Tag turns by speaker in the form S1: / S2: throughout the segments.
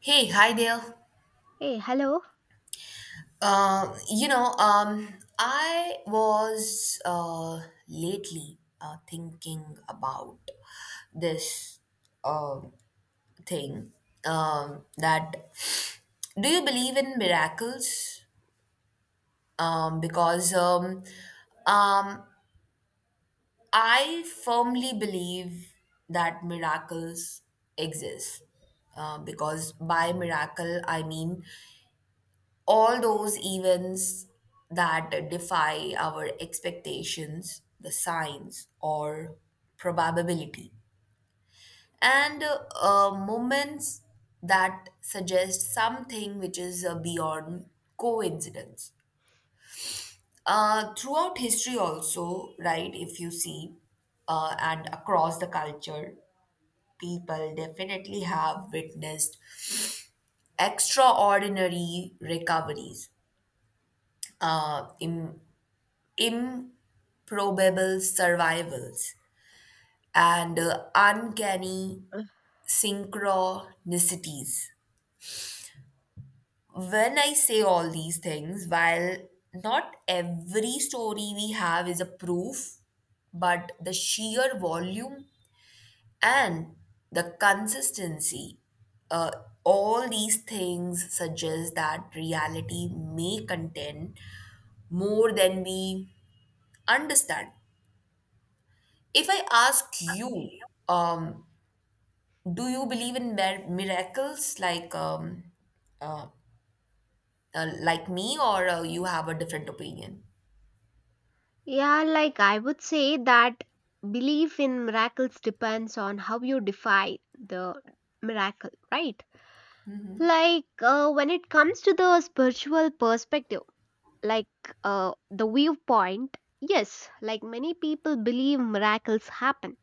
S1: Hey, hi there.
S2: Hey, hello.
S1: Uh, you know, um, I was lately thinking about this um thing that do you believe in miracles? Because um, I firmly believe that miracles exist. Because by miracle, I mean all those events that defy our expectations, the signs or probability, and moments that suggest something which is beyond coincidence. Throughout history, also, right, if you see, and across the culture, people definitely have witnessed extraordinary recoveries, uh, im- improbable survivals and uncanny synchronicities. When I say all these things, while not every story we have is a proof, but the sheer volume and the consistency, uh, all these things suggest that reality may contain more than we understand. If I ask you, um, do you believe in miracles uh, like me, or you have a different opinion?
S2: Yeah, like I would say that belief in miracles depends on how you define the miracle, right? Like when it comes to the spiritual perspective, like the viewpoint, yes, like many people believe miracles happen.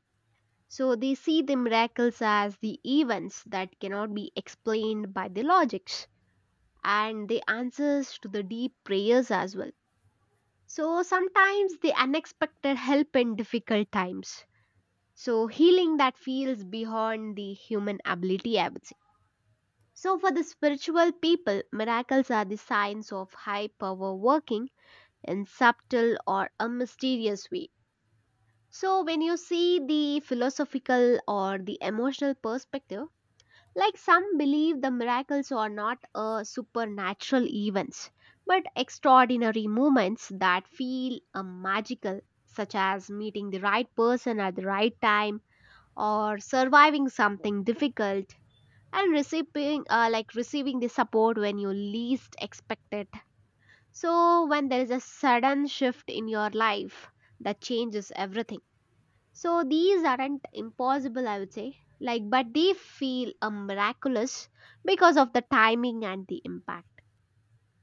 S2: So they see the miracles as the events that cannot be explained by the logics and the answers to the deep prayers as well. So sometimes the unexpected help in difficult times. So healing that feels beyond the human ability, I would say. So for the spiritual people, miracles are the signs of high power working in subtle or a mysterious way. So when you see the philosophical or the emotional perspective, like some believe the miracles are not supernatural events, but extraordinary moments that feel magical, such as meeting the right person at the right time or surviving something difficult and receiving like receiving the support when you least expect it. So when there is a sudden shift in your life that changes everything. So these aren't impossible, I would say, like, but they feel miraculous because of the timing and the impact.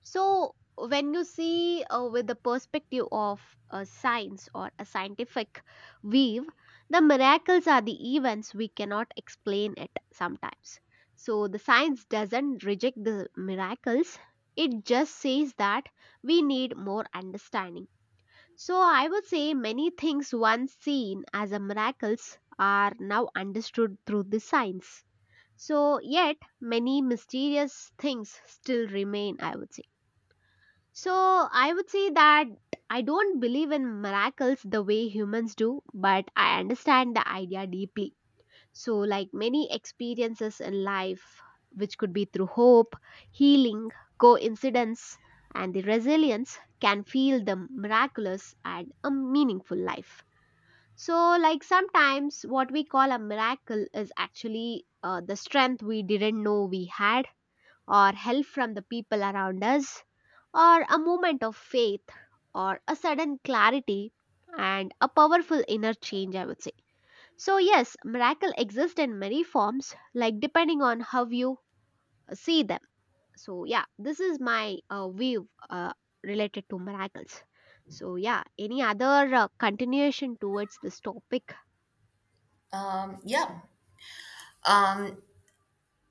S2: So when you see with the perspective of a science or a scientific weave, the miracles are the events we cannot explain it sometimes. So the science doesn't reject the miracles; it just says that we need more understanding, so I would say many things once seen as a miracles are now understood through the science. So yet many mysterious things still remain, I would say. So I would say that I don't believe in miracles the way humans do, but I understand the idea deeply. So, like many experiences in life, which could be through hope, healing, coincidence, and the resilience, can feel the miraculous and a meaningful life. So, like sometimes what we call a miracle is actually the strength we didn't know we had, or help from the people around us, or a moment of faith, or a sudden clarity, and a powerful inner change, I would say. So, yes, miracle exist in many forms, like depending on how you see them. So, yeah, this is my view related to miracles. So, yeah, any other continuation towards this topic?
S1: Um, yeah. Um,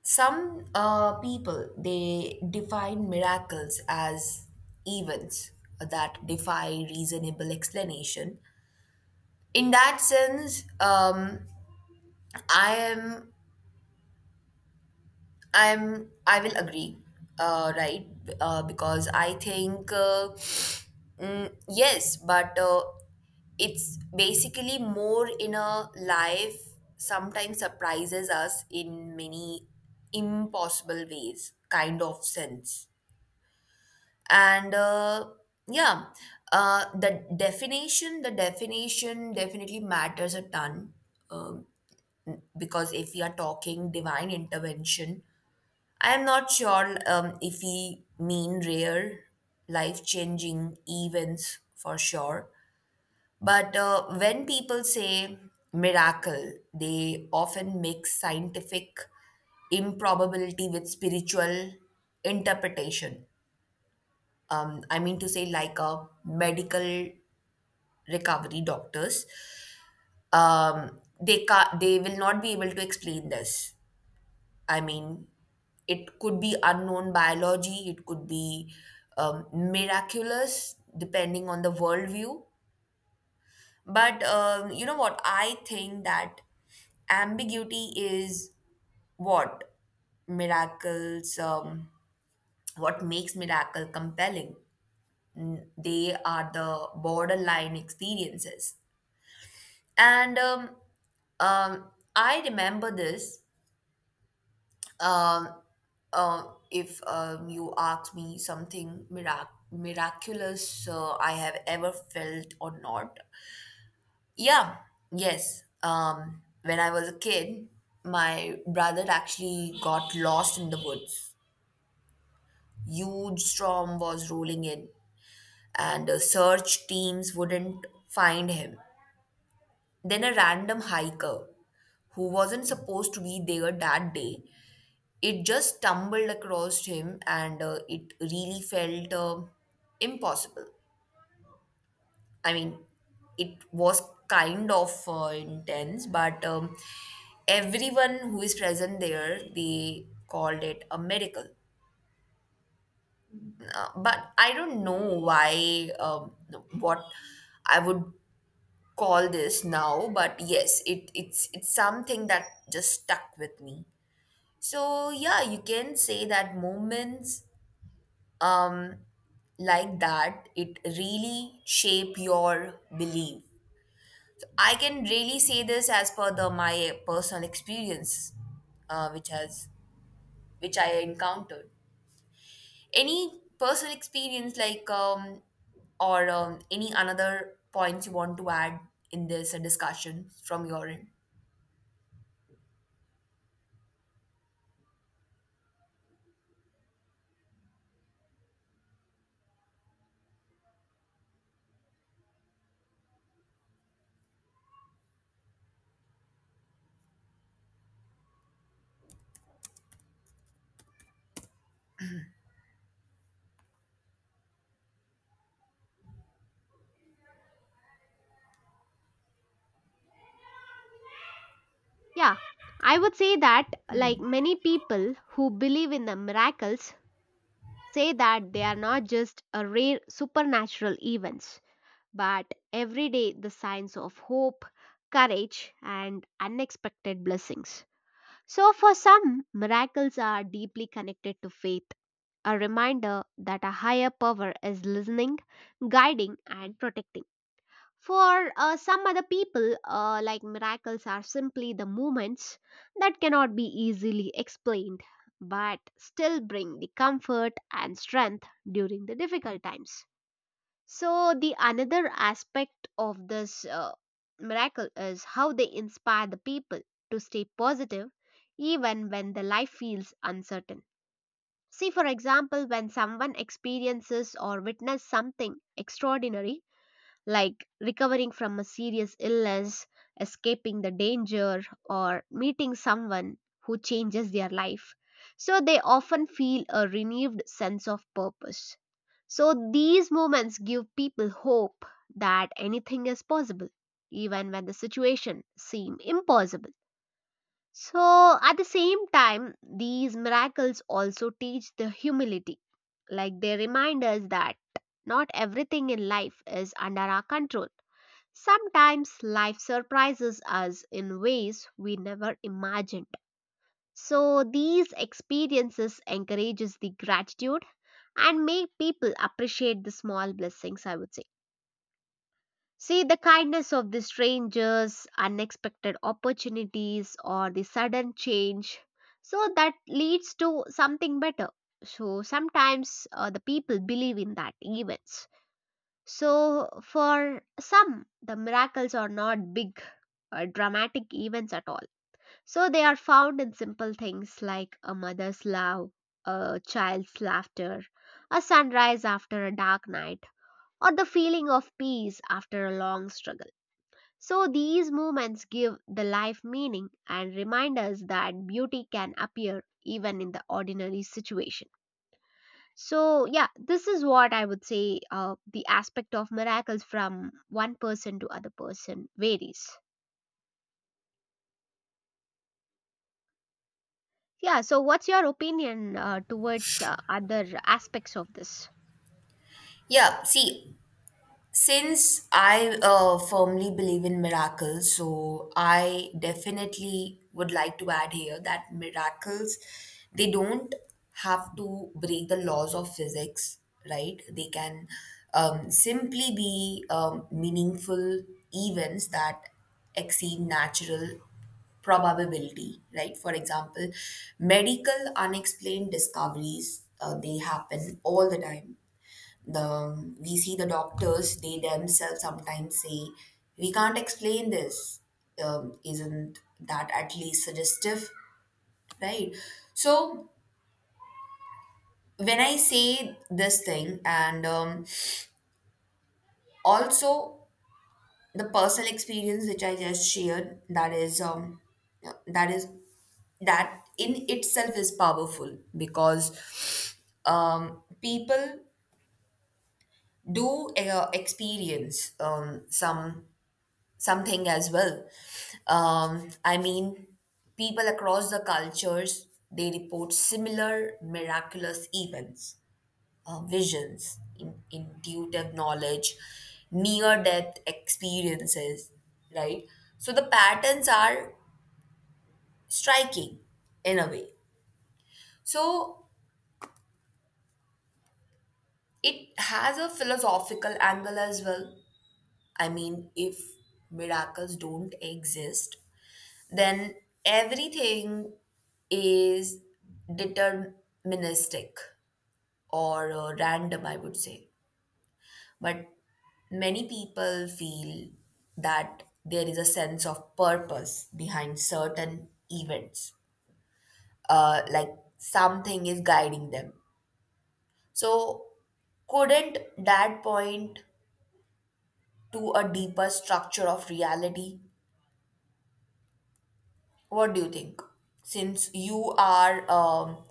S1: some people they define miracles as events that defy reasonable explanation. In that sense, I am I'm I will agree, right? Because I think. Yes, but it's basically more inner life sometimes surprises us in many impossible ways kind of sense and yeah the definition definitely matters a ton, um, because if we are talking divine intervention, I am not sure if we mean rare life changing events for sure, but when people say miracle, they often mix scientific improbability with spiritual interpretation. I mean to say, like a medical recovery doctors, they will not be able to explain this. I mean, it could be unknown biology, it could be miraculous, depending on the worldview. But you know what? I think that ambiguity is what miracles, what makes miracle compelling. They are the borderline experiences. And I remember this. Um, if you ask me something miraculous, I have ever felt or not, yeah, yes. When I was a kid, my brother actually got lost in the woods. Huge storm was rolling in, and search teams wouldn't find him. Then a random hiker who wasn't supposed to be there that day, it just stumbled across him, and it really felt impossible. I mean, it was kind of intense, but everyone who is present there, they called it a miracle. But I don't know why, what I would call this now, but yes, it's something that just stuck with me. So yeah, you can say that moments um, like that, it really shape your belief. I can really say this as per the my personal experience, uh, which has which I encountered. Any personal experience like or any another points you want to add in this discussion from your end?
S2: Yeah, I would say that, like many people who believe in the miracles, say that they are not just a rare supernatural events, but every day the signs of hope, courage, and unexpected blessings. So, for some, miracles are deeply connected to faith, a reminder that a higher power is listening, guiding, and protecting. For some other people, like miracles are simply the movements that cannot be easily explained, but still bring the comfort and strength during the difficult times. So the another aspect of this miracle is how they inspire the people to stay positive even when the life feels uncertain. See, for example, when someone experiences or witnesses something extraordinary like recovering from a serious illness, escaping the danger, or meeting someone who changes their life. So they often feel a renewed sense of purpose. So these moments give people hope that anything is possible, even when the situation seem impossible. So at the same time, these miracles also teach the humility. Like they remind us that not everything in life is under our control. Sometimes life surprises us in ways we never imagined. So these experiences encourages the gratitude and make people appreciate the small blessings, I would say. See the kindness of the strangers, unexpected opportunities, or the sudden change. So that leads to something better. So sometimes the people believe in that events. So, for some, the miracles are not big, dramatic events at all. So, they are found in simple things like a mother's love, a child's laughter, a sunrise after a dark night, or the feeling of peace after a long struggle. So, these moments give the life meaning and remind us that beauty can appear even in the ordinary situation. So, yeah, this is what I would say the aspect of miracles from one person to other person varies. Yeah, so what's your opinion towards other aspects of this?
S1: Yeah, see, since I firmly believe in miracles, so I definitely would like to add here that miracles, they don't have to break the laws of physics, right? They can simply be meaningful events that exceed natural probability, right? For example, medical unexplained discoveries, they happen all the time. The we see the doctors, they themselves sometimes say we can't explain this, isn't that at least suggestive, right? So when I say this thing, and also the personal experience which I just shared, that is that is that in itself is powerful because people do experience something as well. I mean, people across the cultures they report similar miraculous events, visions, intuitive knowledge, near death experiences, right? So the patterns are striking in a way. So it has a philosophical angle as well. I mean, if miracles don't exist, then everything is deterministic or random, I would say. But many people feel that there is a sense of purpose behind certain events, like something is guiding them. So, couldn't that point to a deeper structure of reality? What do you think? Since you are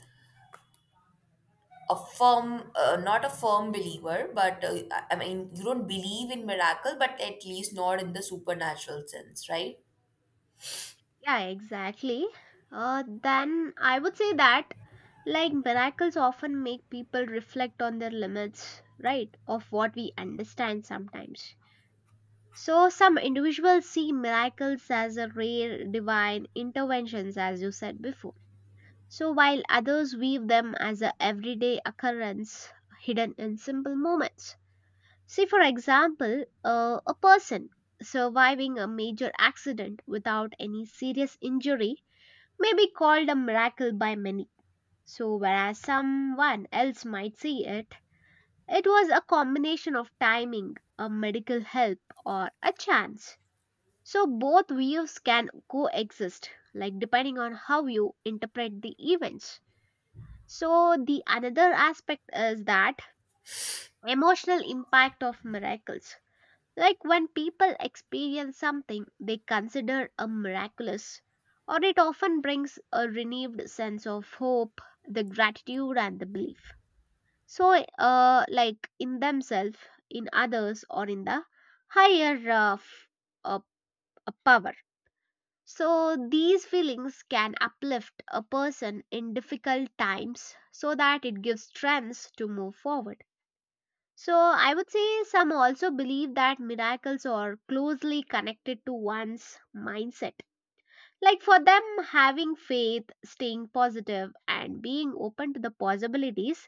S1: a firm, not a firm believer, but I mean, you don't believe in miracle, but at least not in the supernatural sense, right?
S2: Yeah, exactly. Then I would say that like miracles often make people reflect on their limits, right, of what we understand sometimes. So, some individuals see miracles as a rare divine interventions, as you said before. So while others weave them as an everyday occurrence hidden in simple moments. Say, for example, a person surviving a major accident without any serious injury may be called a miracle by many. So, whereas someone else might see it, it was a combination of timing, a medical help, or a chance. So, both views can coexist, like depending on how you interpret the events. So the another aspect is that emotional impact of miracles. Like when people experience something they consider a miraculous, or it often brings a renewed sense of hope, the gratitude and the belief. So uh, like in themselves, in others, or in the higher uh, power. So, these feelings can uplift a person in difficult times so that it gives strength to move forward. So, I would say some also believe that miracles are closely connected to one's mindset. Like for them, having faith, staying positive, and being open to the possibilities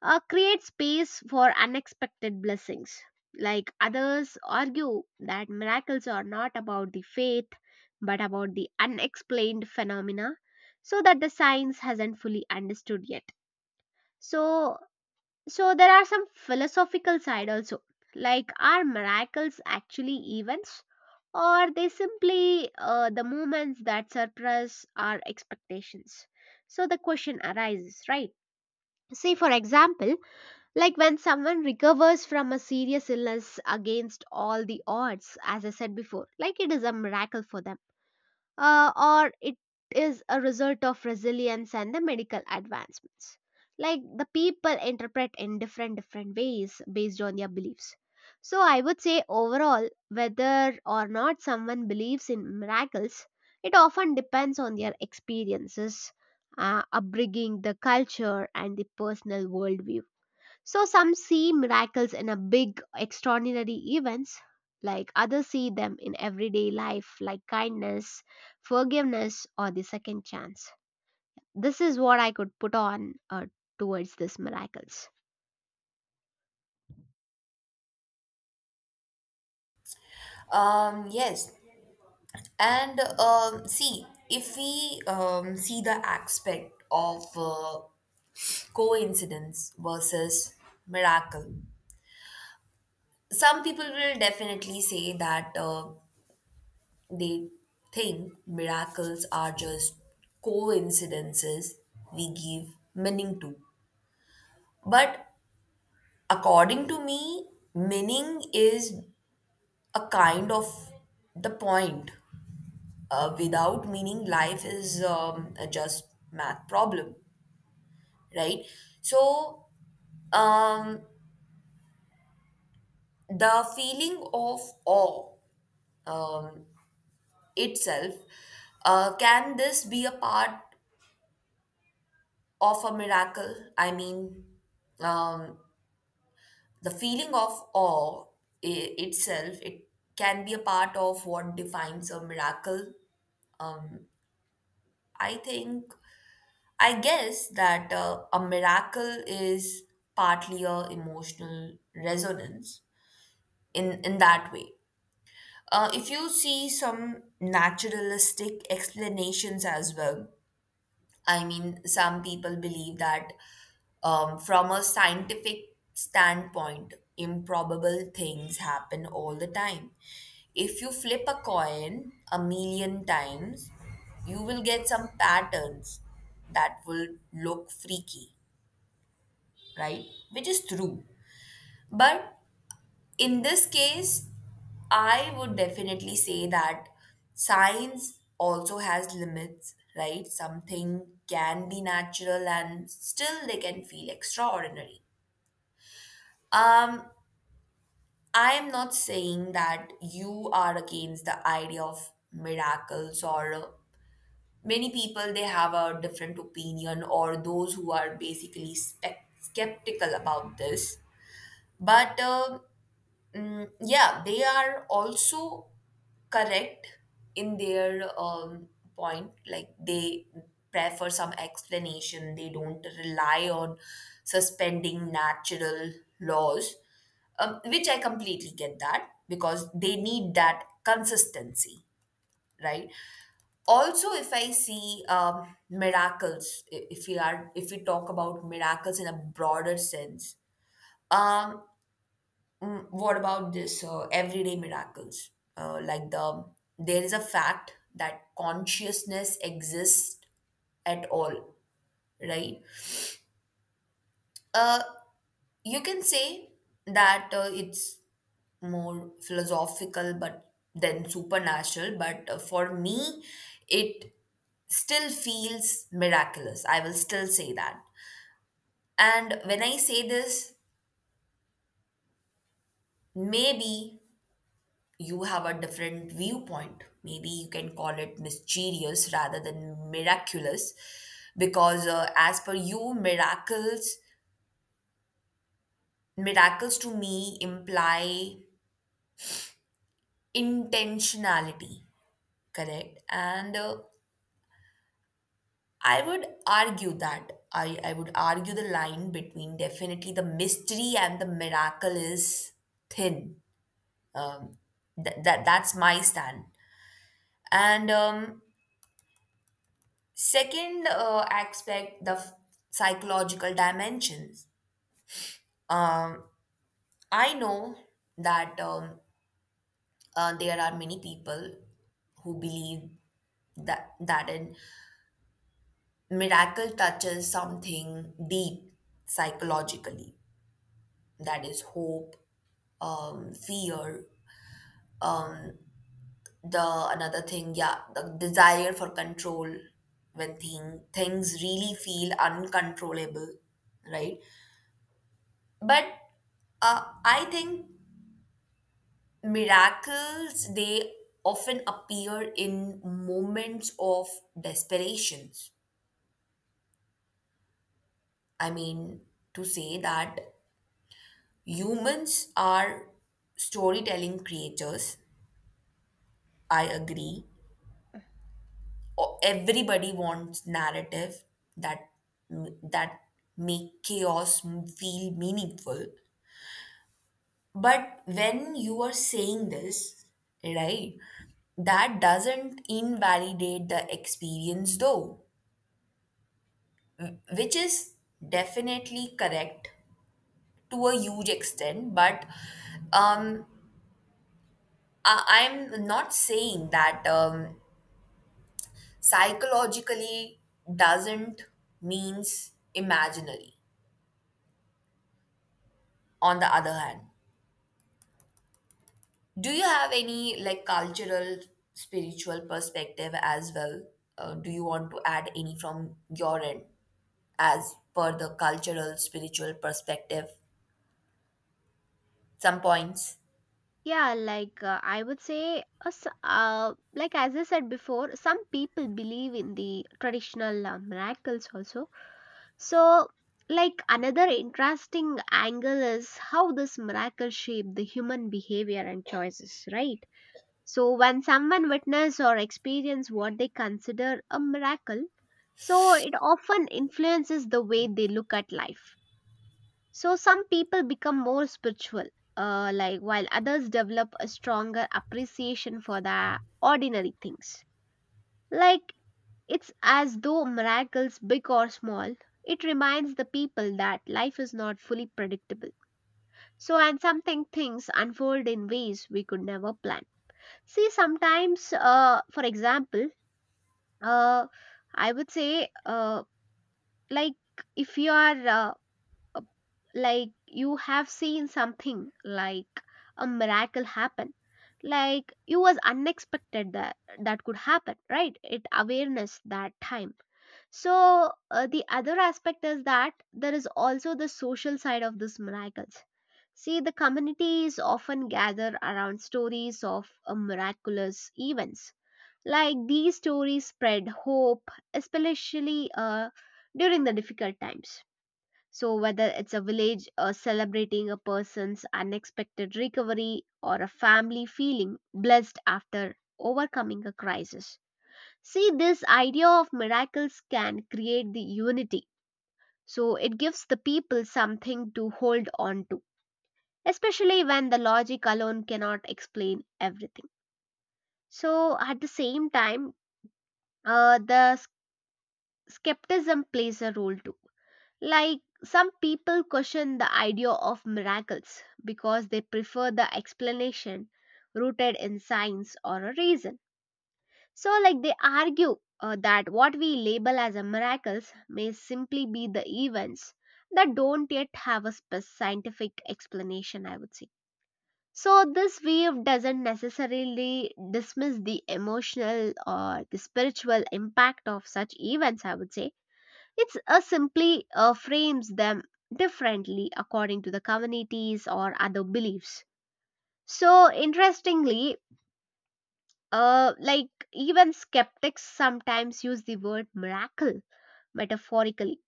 S2: create space for unexpected blessings. Like others argue that miracles are not about the faith but about the unexplained phenomena so that the science hasn't fully understood yet. So, there are some philosophical side also, like are miracles actually events or are they simply the moments that surpass our expectations. So the question arises, right? Say, for example, like when someone recovers from a serious illness against all the odds, as I said before, like it is a miracle for them, or it is a result of resilience and the medical advancements. Like the people interpret in different different ways based on their beliefs. So I would say overall, whether or not someone believes in miracles, it often depends on their experiences, upbringing, the culture, and the personal worldview. So some see miracles in a big extraordinary events like others see them in everyday life like kindness, forgiveness, or the second chance. This is what I could put on towards these miracles.
S1: Yes. And see, if we see the aspect of coincidence versus miracle, some people will definitely say that they think miracles are just coincidences we give meaning to. But according to me, meaning is a kind of the point. Without meaning, life is a just math problem, right? So, um, the feeling of awe um, itself, can this be a part of a miracle? I mean, um, the feeling of awe itself, it can be a part of what defines a miracle. I think I guess that a miracle is partly a emotional resonance in that way. If you see some naturalistic explanations as well, I mean, some people believe that from a scientific standpoint, improbable things happen all the time. If you flip a coin a million times, you will get some patterns that will look freaky, right? Which is true. But in this case, I would definitely say that science also has limits, right? Something can be natural and still they can feel extraordinary. Um, I am not saying that you are against the idea of miracles or many people they have a different opinion or those who are basically spec skeptical about this. But yeah, they are also correct in their point. Like they prefer some explanation. They don't rely on suspending natural laws, which I completely get that because they need that consistency, right? Also, if I see if we talk about miracles in a broader sense, um, what about this everyday miracles? Like the there is a fact that consciousness exists at all, right? Uh, you can say that it's more philosophical, but then supernatural. But for me, it still feels miraculous. I will still say that. And when I say this, maybe you have a different viewpoint. Maybe you can call it mysterious rather than miraculous, because as per you, miracles to me imply intentionality, correct? And I would argue that I would argue the line between definitely the mystery and the miracle is thin. Um, that that's my stand. And Second aspect, psychological dimensions. Um, I know that there are many people who believe that a miracle touches something deep psychologically. That is hope, fear. Um, the another thing, yeah, the desire for control when things really feel uncontrollable, right? But I think miracles, they often appear in moments of desperation. I mean, to say that humans are storytelling creatures, I agree. Everybody wants narrative that that make feel meaningful. But when you are saying this, right, that doesn't invalidate the experience though, which is definitely correct to a huge extent. But um, I'm not saying that psychologically doesn't means imaginary, on the other hand. Do you have any like cultural, spiritual perspective as well? Do you want to add any from your end as per the cultural, spiritual perspective? Some points.
S2: Yeah, like I would say, like as I said before, some people believe in the traditional miracles also. So, like another interesting angle is how this miracle shape the human behavior and choices, right? So, when someone witness or experience what they consider a miracle, so it often influences the way they look at life, so some people become more spiritual, like while others develop a stronger appreciation for the ordinary things. Like it's as though miracles, big or small, it reminds the people that life is not fully predictable. So and something things unfold in ways we could never plan. See, sometimes, for example, uh, I would say, like if you are uh, like you have seen something like a miracle happen, like you was unexpected that that could happen, right, it awareness that time. So the other aspect is that there is also the social side of these miracles. See, the communities often gather around stories of miraculous events, like these stories spread hope especially during the difficult times. So, whether it's a village celebrating a person's unexpected recovery or a family feeling blessed after overcoming a crisis. See, this idea of miracles can create the unity. So, it gives the people something to hold on to, especially when the logic alone cannot explain everything. So, at the same time, uh, the s- skepticism plays a role too. Like some people question the idea of miracles because they prefer the explanation rooted in science or a reason. So, like they argue that what we label as a miracles may simply be the events that don't yet have a scientific explanation, I would say. So, this view doesn't necessarily dismiss the emotional or the spiritual impact of such events, I would say it's simply frames them differently according to the communities or other beliefs. So, interestingly, like even skeptics sometimes use the word miracle metaphorically.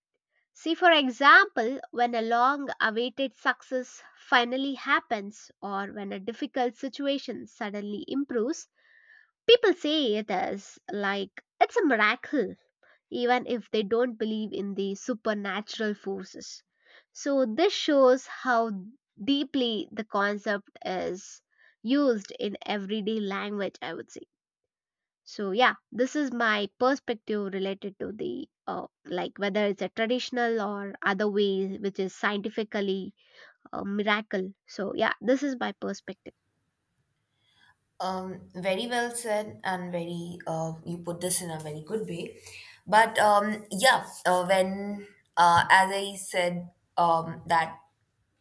S2: See, for example, when a long awaited success finally happens or when a difficult situation suddenly improves, people say it is like it's a miracle even if they don't believe in the supernatural forces. So, this shows how deeply the concept is used in everyday language, I would say. So, yeah, this is my perspective related to the like whether it's a traditional or other way, which is scientifically a miracle. So, yeah, this is my perspective.
S1: Very well said, and very you put this in a very good way. But yeah, when as I said that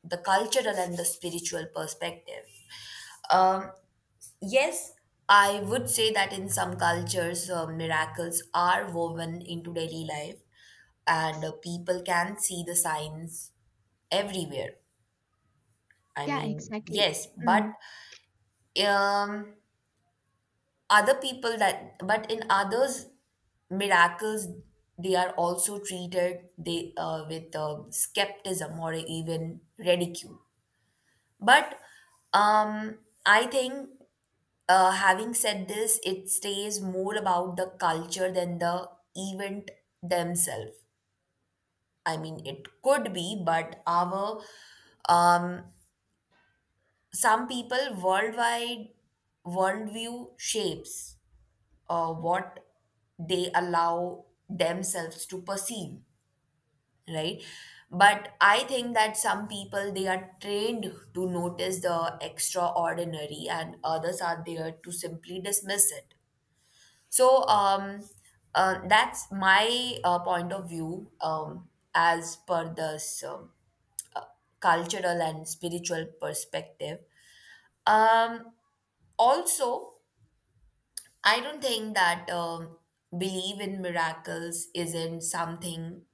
S1: the cultural and the spiritual perspective. Um, Yes, I would say that in some cultures, miracles are woven into daily life and
S2: Ex-
S1: people can see the signs everywhere. I
S2: Yeah,
S1: mean,
S2: exactly.
S1: yes, but
S2: Mm.
S1: um, other people that, but in others, miracles, they are also treated they with skepticism or even ridicule. But um, I think, uh, having said this, it stays more about the culture than the event themselves. I mean, it could be, but our um, some people worldwide worldview shapes what they allow themselves to perceive, right? But I think that some people they are trained to notice the extraordinary, and others are there to simply dismiss it. So that's my point of view as per this cultural and spiritual perspective. Um, Also, I don't think that believe in miracles isn't something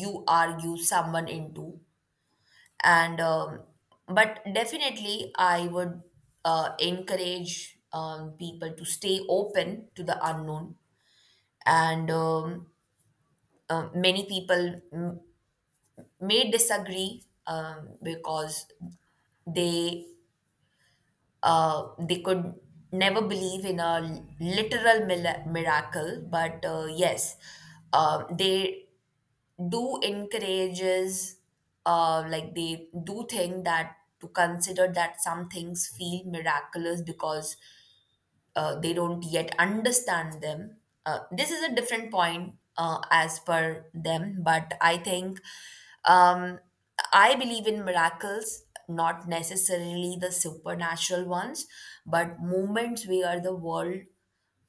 S1: you argue someone into, and but definitely I would encourage people to stay open to the unknown and. Many people may disagree because they they could never believe in a literal miracle, but yes, they do encourages like they do think that to consider that some things feel miraculous because they don't yet understand them. This is a different point as per them, but I think um, I believe in miracles, not necessarily the supernatural ones, but moments where the world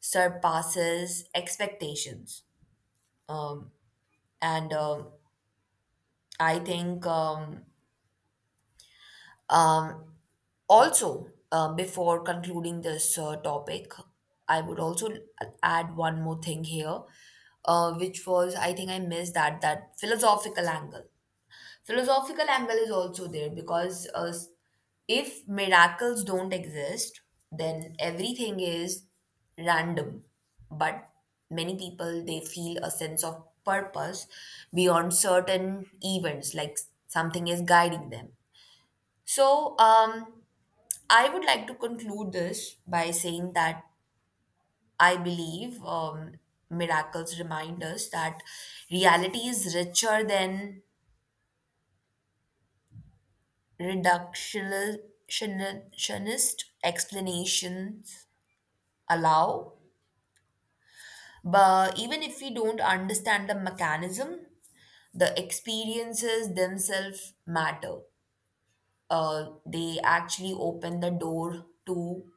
S1: surpasses expectations. Um, and I think um, Also, before concluding this topic, I would also add one more thing here, which was I think I missed that philosophical angle. Philosophical angle is also there because if miracles don't exist, then everything is random. But many people they feel a sense of purpose beyond certain events, like something is guiding them. So, I would like to conclude this by saying that I believe miracles remind us that reality is richer than reductionist explanations allow. But even if we don't understand the mechanism, the experiences themselves matter. They actually open the door to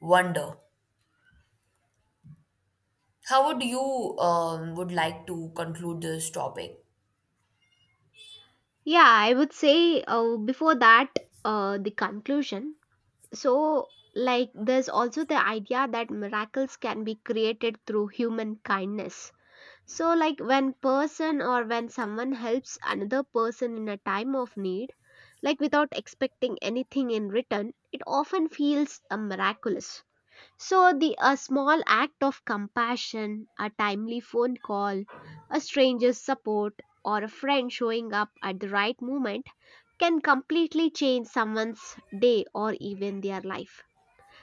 S1: wonder. How would you would like to conclude this topic?
S2: Yeah, I would say before that, the conclusion. So, like, there's also the idea that miracles can be created through human kindness. So, like, when person or when someone helps another person in a time of need, like without expecting anything in return, it often feels miraculous. So, the a small act of compassion, a timely phone call, a stranger's support, or a friend showing up at the right moment can completely change someone's day or even their life.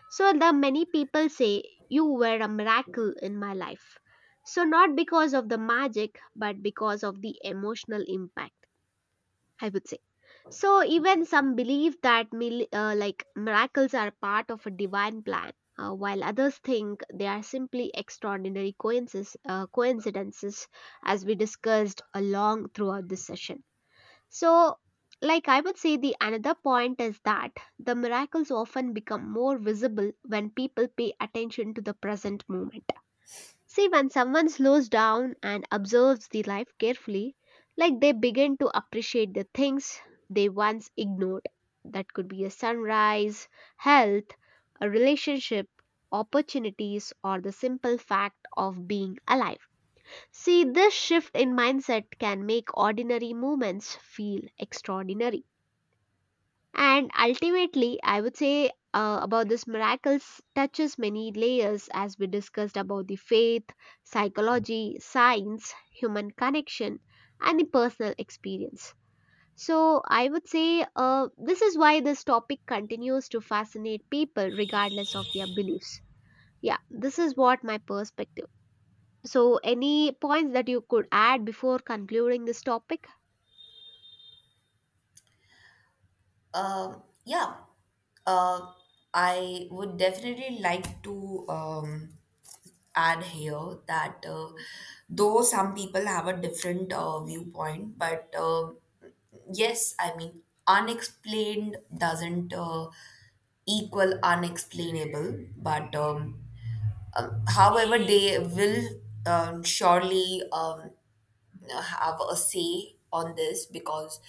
S2: So the many people say you were a miracle in my life. So not because of the magic, but because of the emotional impact, I would say. So even some believe that like miracles are part of a divine plan, while others think they are simply extraordinary coincidences, as we discussed along throughout this session. So, like I would say, the another point is that the miracles often become more visible when people pay attention to the present moment. See, when someone slows down and observes the life carefully, like they begin to appreciate the things they once ignored. That could be a sunrise, health, a relationship, opportunities, or the simple fact of being alive. See, this shift in mindset can make ordinary moments feel extraordinary. And ultimately, I would say about this miracles touches many layers as we discussed about the faith, psychology, science, human connection, and the personal experience. So, I would say this is why this topic continues to fascinate people regardless of their beliefs. Yeah, this is what my perspective. So, any points that you could add before concluding this topic?
S1: Yeah, uh, I would definitely like to add here that though some people have a different viewpoint, but yes, I mean, unexplained doesn't equal unexplainable, but however, they will surely have a say on this because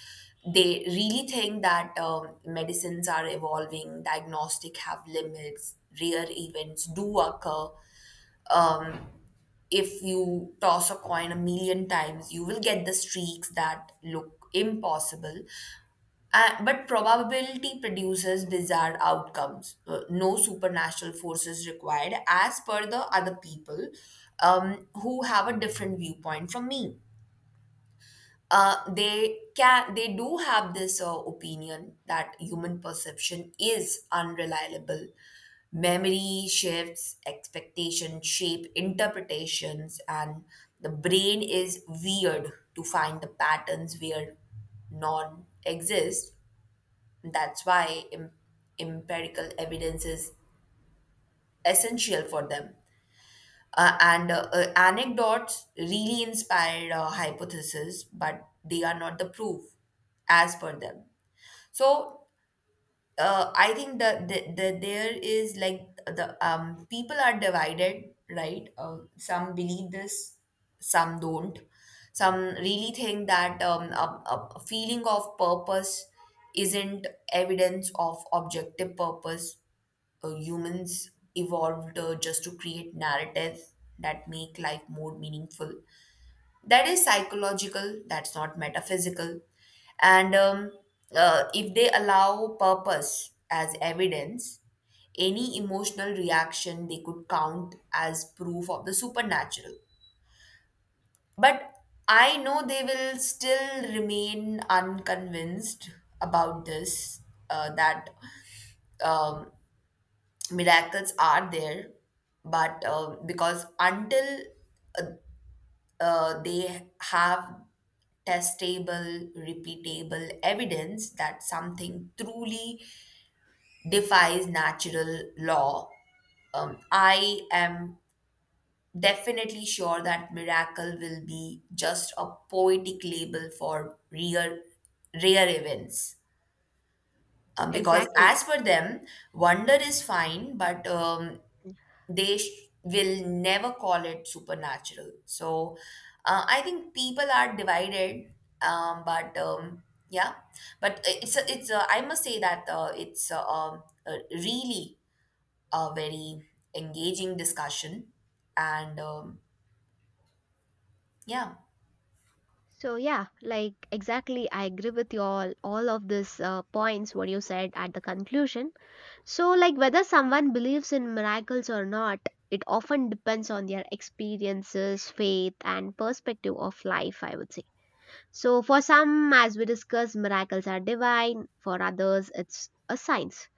S1: they really think that medicines are evolving, diagnostic have limits, rare events do occur. Um, if you toss a coin a million times, you will get the streaks that look impossible. But probability produces bizarre outcomes. No supernatural forces required, as per the other people who have a different viewpoint from me. They do have this opinion that human perception is unreliable, memory shifts, expectation shape interpretations, and the brain is weird to find the patterns where none exist. That's why empirical evidence is essential for them, and anecdotes really inspired hypotheses, but they are not the proof as per them. So I think that there is like the people are divided, right? Some believe this, some don't. Some really think that a feeling of purpose isn't evidence of objective purpose. Humans evolved just to create narratives that make life more meaningful. That is psychological, that's not metaphysical. And If they allow purpose as evidence, any emotional reaction they could count as proof of the supernatural. But I know they will still remain unconvinced about this that um, miracles are there, but because until uh, they have testable repeatable evidence that something truly defies natural law, I am definitely sure that miracle will be just a poetic label for rare events, because
S2: Exactly.
S1: as for them wonder is fine, but they will never call it supernatural. So I think people are divided, but yeah, but I must say that a really a very engaging discussion, and yeah,
S2: So, yeah, like exactly, I agree with you all of these points what you said at the conclusion. So, like whether someone believes in miracles or not, it often depends on their experiences, faith, and perspective of life, I would say. So, for some, as we discussed, miracles are divine, for others, it's a science,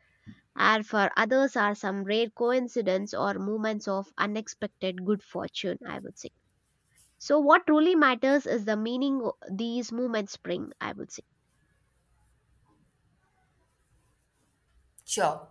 S2: and for others are some rare coincidence or moments of unexpected good fortune, I would say. So what truly matters is the meaning these moments bring, I would say.
S1: sure.